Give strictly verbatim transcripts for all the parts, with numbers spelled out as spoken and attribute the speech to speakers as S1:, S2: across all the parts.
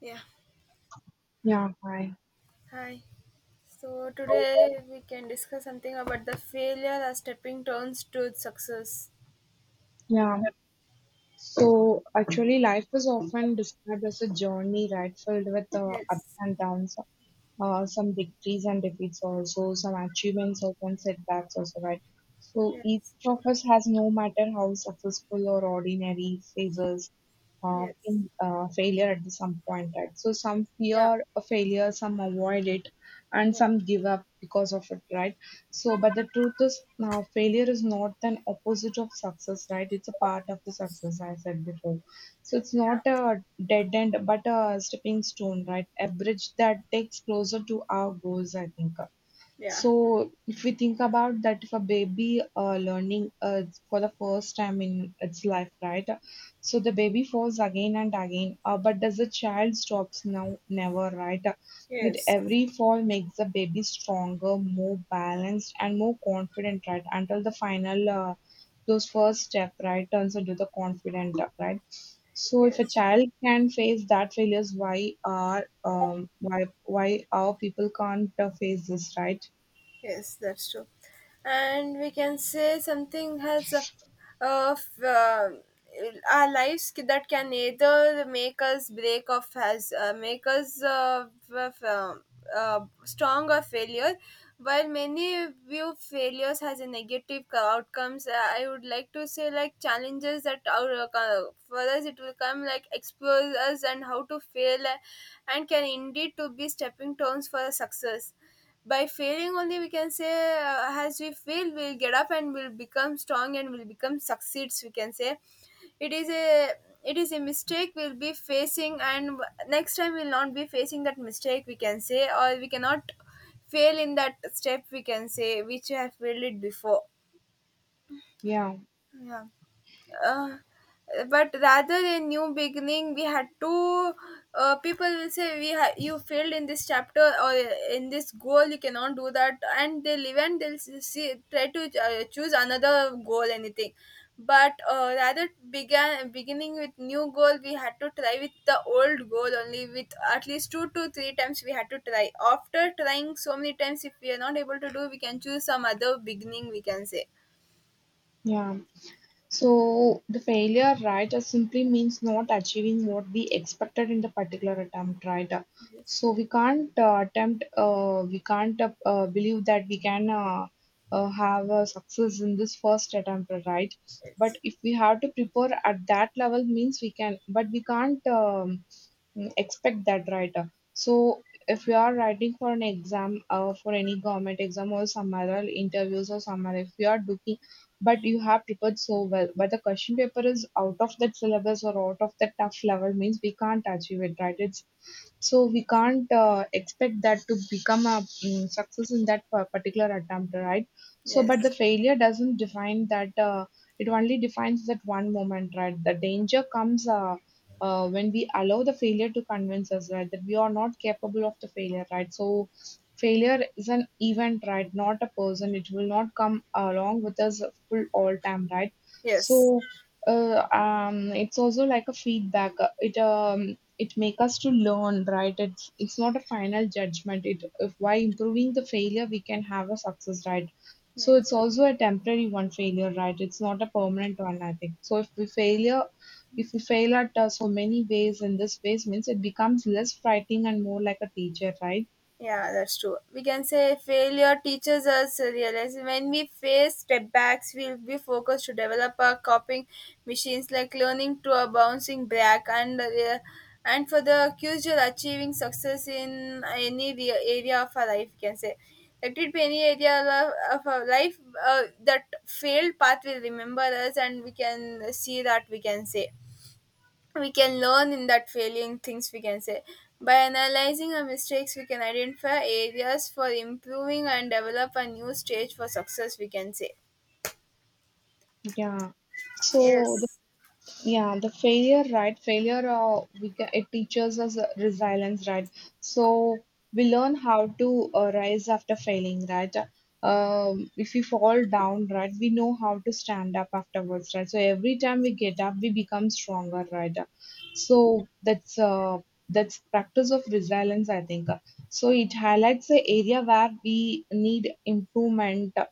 S1: Yeah,
S2: Yeah, hi.
S1: hi. So today we can discuss something about the failure as stepping stones to success.
S2: Yeah. So actually, life is often described as a journey, right? Filled with uh, ups
S1: Yes,
S2: and downs, uh, some victories and defeats, also some achievements, also and setbacks, also, right? So each
S1: yes,
S2: of us has, no matter how successful or ordinary, phases uh, in,
S1: yes,
S2: uh, failure at the some point, right? So some
S1: Yeah,
S2: fear a failure, some avoid it, and
S1: yeah,
S2: some give up because of it, right? So, but the truth is, now failure is not an opposite of success, right? It's a part of the success, I said before. So it's not a dead end, but a stepping stone, right? A bridge that takes closer to our goals, I think.
S1: yeah,
S2: So, if we think about that, if a baby uh, learning uh, for the first time in its life, right? So the baby falls again and again, uh, but does the child stops now? Never, right? With
S1: yes,
S2: every fall makes the baby stronger, more balanced, and more confident, right? Until the final, uh, those first step, right, turns into the confident, right? So if a
S1: yes.
S2: child can face that failures, why are um why why our people can't uh, face this, right?
S1: Yes, that's true. And we can say something has a, of uh, our lives ki- that can either make us break or has uh, make us uh, f- uh, uh, strong or failure. While many view failures as a negative co- outcomes, uh, I would like to say like challenges that our uh, co- for us it will come like expose us and how to fail uh, and can indeed to be stepping stones for success by failing only we can say, uh, as we fail we'll get up and we'll become strong and we'll become succeeds we can say. It is a it is a mistake we'll be facing, and next time we'll not be facing that mistake we can say, or we cannot fail in that step we can say, which you have failed it before.
S2: Yeah,
S1: Yeah. uh, but rather a new beginning we had to, uh, people will say we ha- you failed in this chapter or in this goal you cannot do that, and they'll even they'll s- see, try to uh, choose another goal, anything. But uh, rather began beginning with new goal, we had to try with the old goal only, with at least two to three times we had to try. After trying so many times, if we are not able to do, we can choose some other beginning we can say.
S2: yeah. So the failure, right, uh, simply means not achieving what we expected in the particular attempt, right? Uh, So we can't uh, attempt, uh, we can't uh, uh, believe that we can uh, uh, have a success in this first attempt, right? But if we have to prepare at that level, means we can, but we can't um, mm, expect that, right? Uh, So if we are writing for an exam, uh, for any government exam or some other interviews or some other, if we are doing but you have prepared so well. But the question paper is out of that syllabus or out of that tough level means we can't achieve it, right? It's so we can't uh, expect that to become a mm, success in that par- particular attempt, right? So,
S1: Yes,
S2: but the failure doesn't define that. Uh, it only defines that one moment, right? The danger comes. Uh, uh, when we allow the failure to convince us, right, that we are not capable of the failure, right? So, failure is an event, right, not a person. It will not come along with us helpful all time, right?
S1: yes,
S2: So uh, um, it's also like a feedback. Uh, It um, it make us to learn, right? It's it's not a final judgment. It, if by improving the failure, we can have a success, right? So
S1: yes.
S2: it's also a temporary one failure, right? It's not a permanent one, I think. So if we failure, if we fail at uh, so many ways in this ways means it becomes less frightening and more like a teacher, right?
S1: Yeah, that's true. We can say failure teaches us to realize when we face setbacks, we'll be focused to develop our coping machines like learning to a bouncing back, and uh, yeah, and for the crucial achieving success in any re- area of our life. We can say let it be any area of, of our life. Uh, that failed path will remember us, and we can see that we can say we can learn in that failing things we can say. By analyzing our mistakes, we can identify areas for improving and develop a new stage for success we can say.
S2: Yeah. So the
S1: Yes,
S2: Yeah, the failure, right? Failure, uh, we ca it teaches us uh, resilience, right? So we learn how to uh, rise after failing, right? Um, if we fall down, right, we know how to stand up afterwards, right? So every time we get up, we become stronger, right? So that's uh, that's practice of resilience, I think. So it highlights the area where we need improvement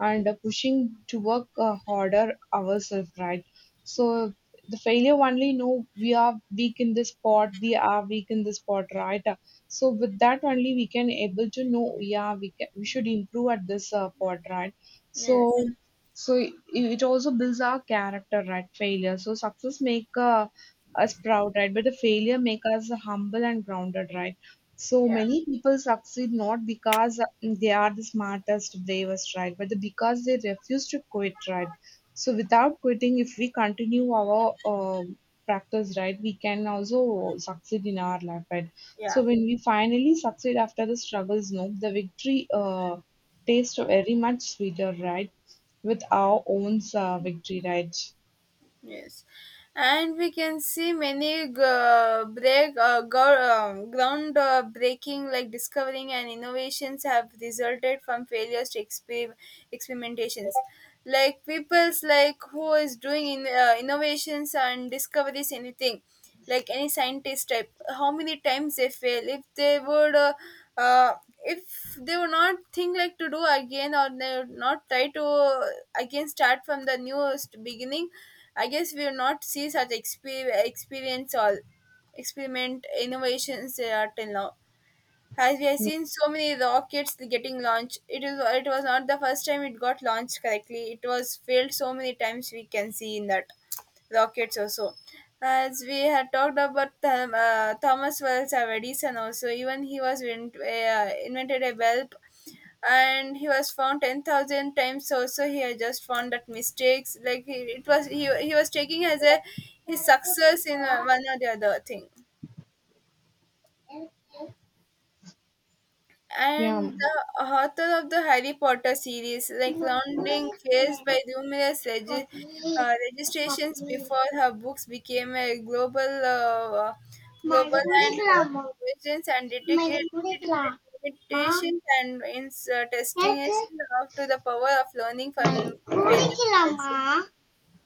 S2: and pushing to work uh, harder ourselves, right? So the failure only know we are weak in this spot, we are weak in this spot, right? So with that only we can able to know, yeah, we can, we should improve at this uh, part, right?
S1: yes,
S2: So so it, it also builds our character, right? Failure, so success make uh, us proud, right, but the failure make us humble and grounded, right? So
S1: yeah,
S2: many people succeed not because uh, they are the smartest, bravest, right, but because they refuse to quit, right? So without quitting, if we continue our uh, practice, right, we can also succeed in our life, right?
S1: yeah.
S2: So when we finally succeed after the struggles, no, the victory uh, tastes very much sweeter, right? With our own uh, victory, right?
S1: Yes, and we can see many g- uh, break uh, gr- um, ground uh, breaking like discovering and innovations have resulted from failures to exper- experimentations. Like people's, like who is doing in, uh, innovations and discoveries, anything, like any scientist type. How many times they fail if they would. Uh, uh, if they would not think like to do again, or they would not try to uh, again start from the newest beginning, I guess we will not see such exper- experience or experiment innovations uh, till now. As we have seen so many rockets getting launched, it is it was not the first time it got launched correctly. It was failed so many times, we can see in that rockets also. As we had talked about Th- uh, Thomas Wells of Edison also, even he was in- uh, invented a bulb, and he was found ten thousand times also, he had just found that mistakes like he, it was he, he was taking as a his success in uh, one or the other thing.
S2: Yeah.
S1: And the author of the Harry Potter series, like Rowling, faced by numerous regi- uh, registrations before her books became a global, uh, global, and her provisions and dedicated limitations and ins- uh, testing is
S2: Yeah.
S1: enough to the power of learning from failures.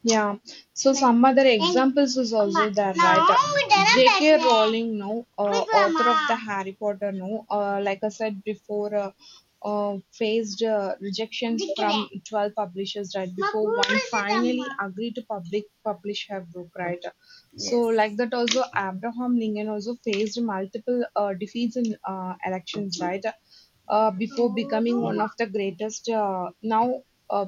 S2: Yeah. So some other examples is also there, right? J K. Rowling, no, uh, author of the Harry Potter, no, uh, like I said before, uh, uh, faced uh, rejections from twelve publishers, right? Before one finally agreed to public publish her book, right? So,
S1: Yes.
S2: like that, also Abraham Lincoln also faced multiple uh, defeats in uh, elections, right? Uh, before becoming one of the greatest. Uh, now, uh,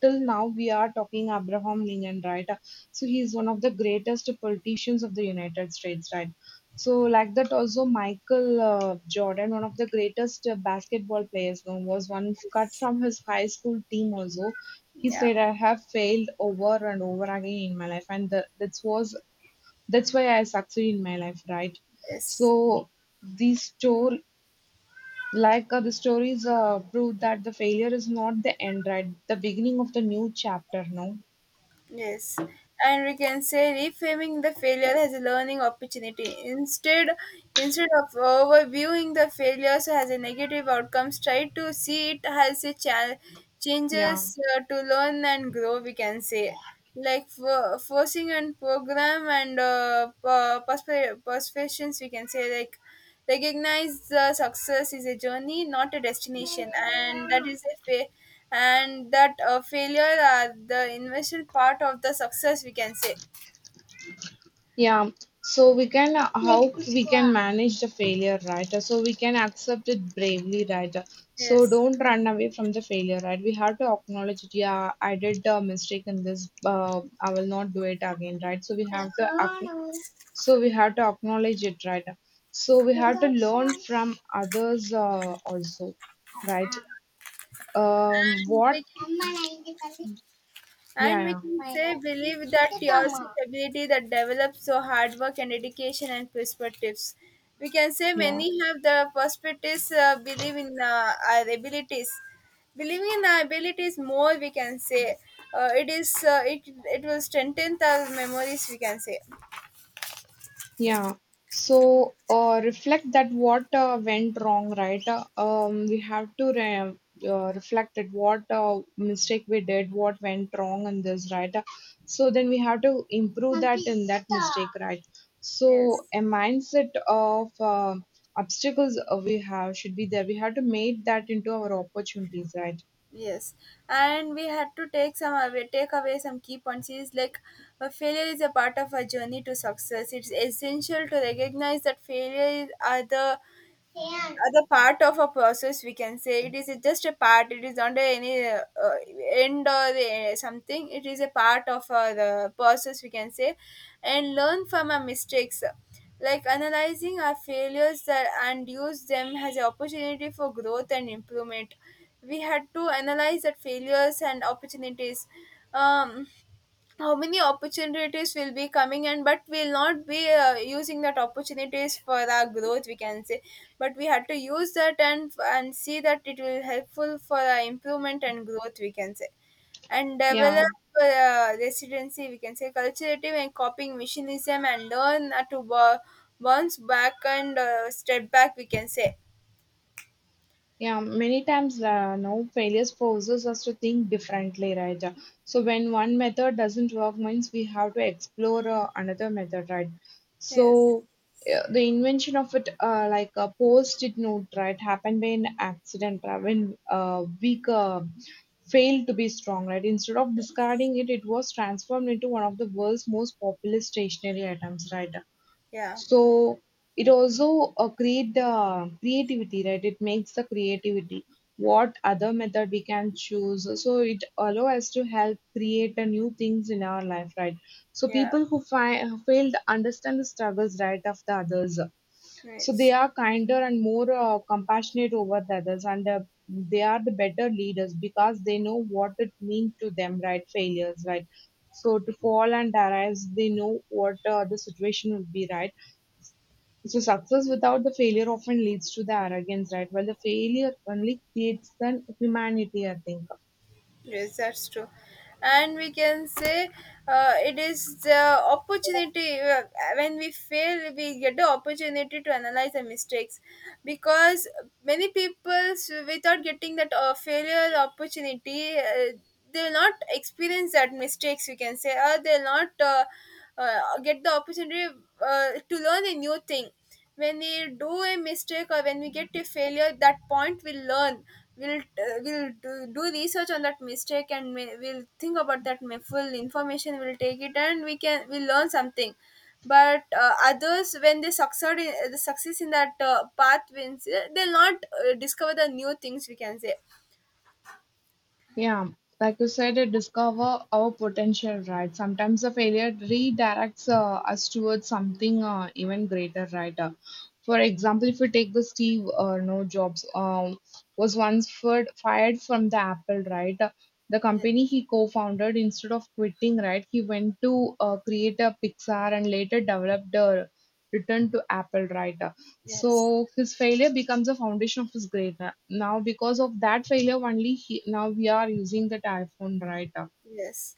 S2: Till now, we are talking Abraham Lincoln, right? So he is one of the greatest politicians of the United States, right? So like that, also Michael uh, Jordan, one of the greatest uh, basketball players, you know, was once cut
S1: Yes.
S2: from his high school team. Also, he
S1: Yeah.
S2: said, "I have failed over and over again in my life, and the, that was that's why I succeed in my life, right?"
S1: Yes.
S2: So this story. Like uh, the stories uh, prove that the failure is not the end, right? The beginning of the new chapter, no?
S1: Yes, and we can say reframing the failure as a learning opportunity. Instead, instead of overviewing the failures as a negative outcomes, try to see it as a challenge,
S2: Yeah.
S1: changes uh, to learn and grow. We can say, like for forcing and program and uh, per- perspe- persuasions. We can say, like, recognize the success is a journey not a destination, and that is a fa- and that uh, failure are the initial part of the success we can say.
S2: Yeah, so we can, like, how we can manage the failure, right? Uh, So we can accept it bravely, right? Uh, So
S1: Yes,
S2: don't run away from the failure, right? We have to acknowledge it. Yeah, I did a mistake in this. Uh, I will not do it again, right? So we have to ac- so we have to acknowledge it, right? Uh, So we have to learn from others uh, also, right? Um,
S1: and we
S2: what?
S1: can
S2: Yeah,
S1: and we can say
S2: yeah,
S1: believe that your ability that develops so hard work and dedication and perspectives. We can say
S2: yeah.
S1: many have the perspectives, uh, believe in uh, our abilities. Believing in our abilities more, we can say uh, it is uh, it it will strengthen our memories. We can say
S2: Yeah. So, uh, reflect that what uh, went wrong, right? Uh, um, we have to re uh, Reflect at what uh, mistake we did, what went wrong in this, right? Uh, So then we have to improve that in that mistake, right? So
S1: yes.
S2: a mindset of uh, obstacles uh, we have should be there. We have to make that into our opportunities, right?
S1: Yes, and we had to take some away, take away some key points. Is like a failure is a part of our journey to success. It's essential to recognize that failure is are the other part of a process we can say. It is just a part, it is not any uh, uh, end or uh, something. It is a part of uh, the process we can say, and learn from our mistakes like analyzing our failures that, and use them as an opportunity for growth and improvement. We had to analyze that failures and opportunities, um, how many opportunities will be coming, and but we'll not be uh, using that opportunities for our growth we can say. But we had to use that, and and see that it will helpful for our improvement and growth we can say, and
S2: Yeah.
S1: develop uh, residency we can say, culturative and copying machinism, and learn uh, to bo- bounce back and uh, step back we can say.
S2: Yeah, many times uh, now failures forces us to think differently, right? Uh, So when one method doesn't work, means we have to explore uh, another method, right?
S1: Yes,
S2: So uh, the invention of it, uh, like a post-it note, right, happened by an accident, right? When uh, weak uh, failed to be strong, right? Instead of discarding it, it was transformed into one of the world's most popular stationery items, right?
S1: yeah,
S2: So it also uh, create the creativity, right? It makes the creativity. What other method we can choose? So it allow us to help create a new things in our life, right? So
S1: yeah,
S2: people who fi- fail to understand the struggles, right, of the others, so they
S1: nice.
S2: are kinder and more uh, compassionate over the others, and uh, they are the better leaders because they know what it means to them, right? Failures, right? So to fall and arise, they know what uh, the situation will be, right? So success without the failure often leads to the arrogance, right? Well, the failure only creates an humanity, I think.
S1: Yes, that's true. And we can say uh, it is the opportunity. uh, When we fail, we get the opportunity to analyze the mistakes, because many people, so without getting that uh, failure opportunity, uh, they will not experience that mistakes, we can say, or they will not uh, uh, get the opportunity uh, to learn a new thing. When we do a mistake, or when we get a failure, that point we'll learn. We'll uh, we'll do, do research on that mistake, and we- we'll think about that ma- full information, we'll take it, and we can we learn something. But uh, others when they succeed in, the success in that uh, path wins, uh, they'll not uh, discover the new things we can say.
S2: Yeah, like you said, it discover our potential, right? Sometimes the failure redirects uh, us towards something uh, even greater, right? Uh, for example, if we take the Steve uh, no Jobs, um, was once fired fired from the Apple, right? Uh, the
S1: Ye-
S2: company he co-founded, instead of quitting, right, he went to uh, create a Pixar and later developed a Return to Apple, right? Uh,
S1: yes,
S2: so his failure becomes a foundation of his greatness. Now, because of that failure, only he, now we are using that iPhone, right?
S1: yes.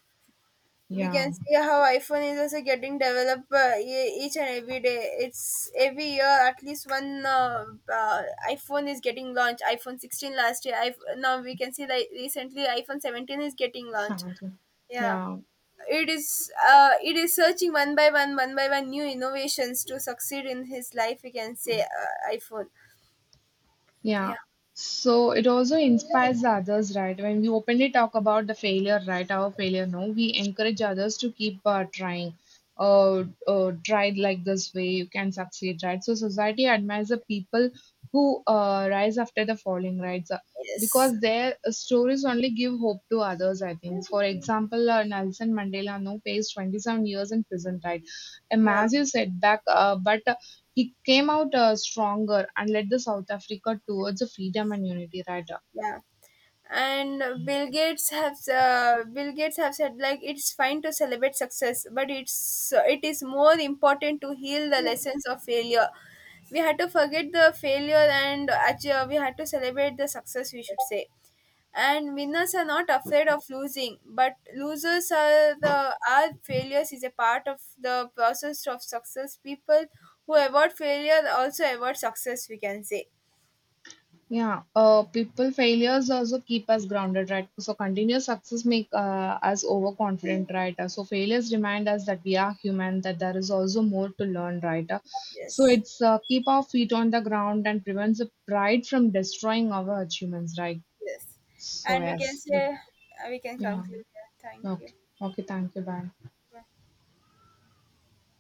S1: We can
S2: Yeah,
S1: see how iPhone is also getting developed, uh, e- each and every day. It's every year at least one uh, uh, iPhone is getting launched. iPhone sixteen last year, I now we can see that recently iPhone seventeen is getting launched.
S2: sadly.
S1: Yeah,
S2: Yeah.
S1: it is, uh, it is searching one by one one by one new innovations to succeed in his life we can say, uh, iPhone.
S2: Yeah.
S1: Yeah,
S2: So it also inspires the others, right? When we openly talk about the failure, right? Our failure, no, we encourage others to keep uh, trying. Uh, uh, try like this way, you can succeed, right? So society admires the people who uh, rise after the falling, right? So,
S1: yes,
S2: because their stories only give hope to others, I think. For example, uh, Nelson Mandela, no, faced twenty-seven years in prison, right? A
S1: yeah,
S2: massive setback, uh, but he came out uh, stronger and led the South Africa towards the freedom and unity, right?
S1: yeah. And Bill Gates have uh, bill gates have said like it's fine to celebrate success, but it's it is more important to heal the lessons of failure. We had to forget the failure, and actually we had to celebrate the success, we should say. And winners are not afraid of losing, but losers are the are failures is a part of the process of success. People who avoid failure also avoid success we can say.
S2: Yeah, uh, people failures also keep us grounded, right? So continuous success make uh, us overconfident, right? Uh, So failures remind us that we are human, that there is also more to learn, right? Uh, So
S1: Yes.
S2: it's uh, keep our feet on the ground and prevents the pride from destroying our achievements, right?
S1: Yes.
S2: So
S1: And we can
S2: yes, we,
S1: say, we can
S2: yeah,
S1: conclude. Yeah. Thank you.
S2: okay, okay, thank you, bye.
S1: Bye.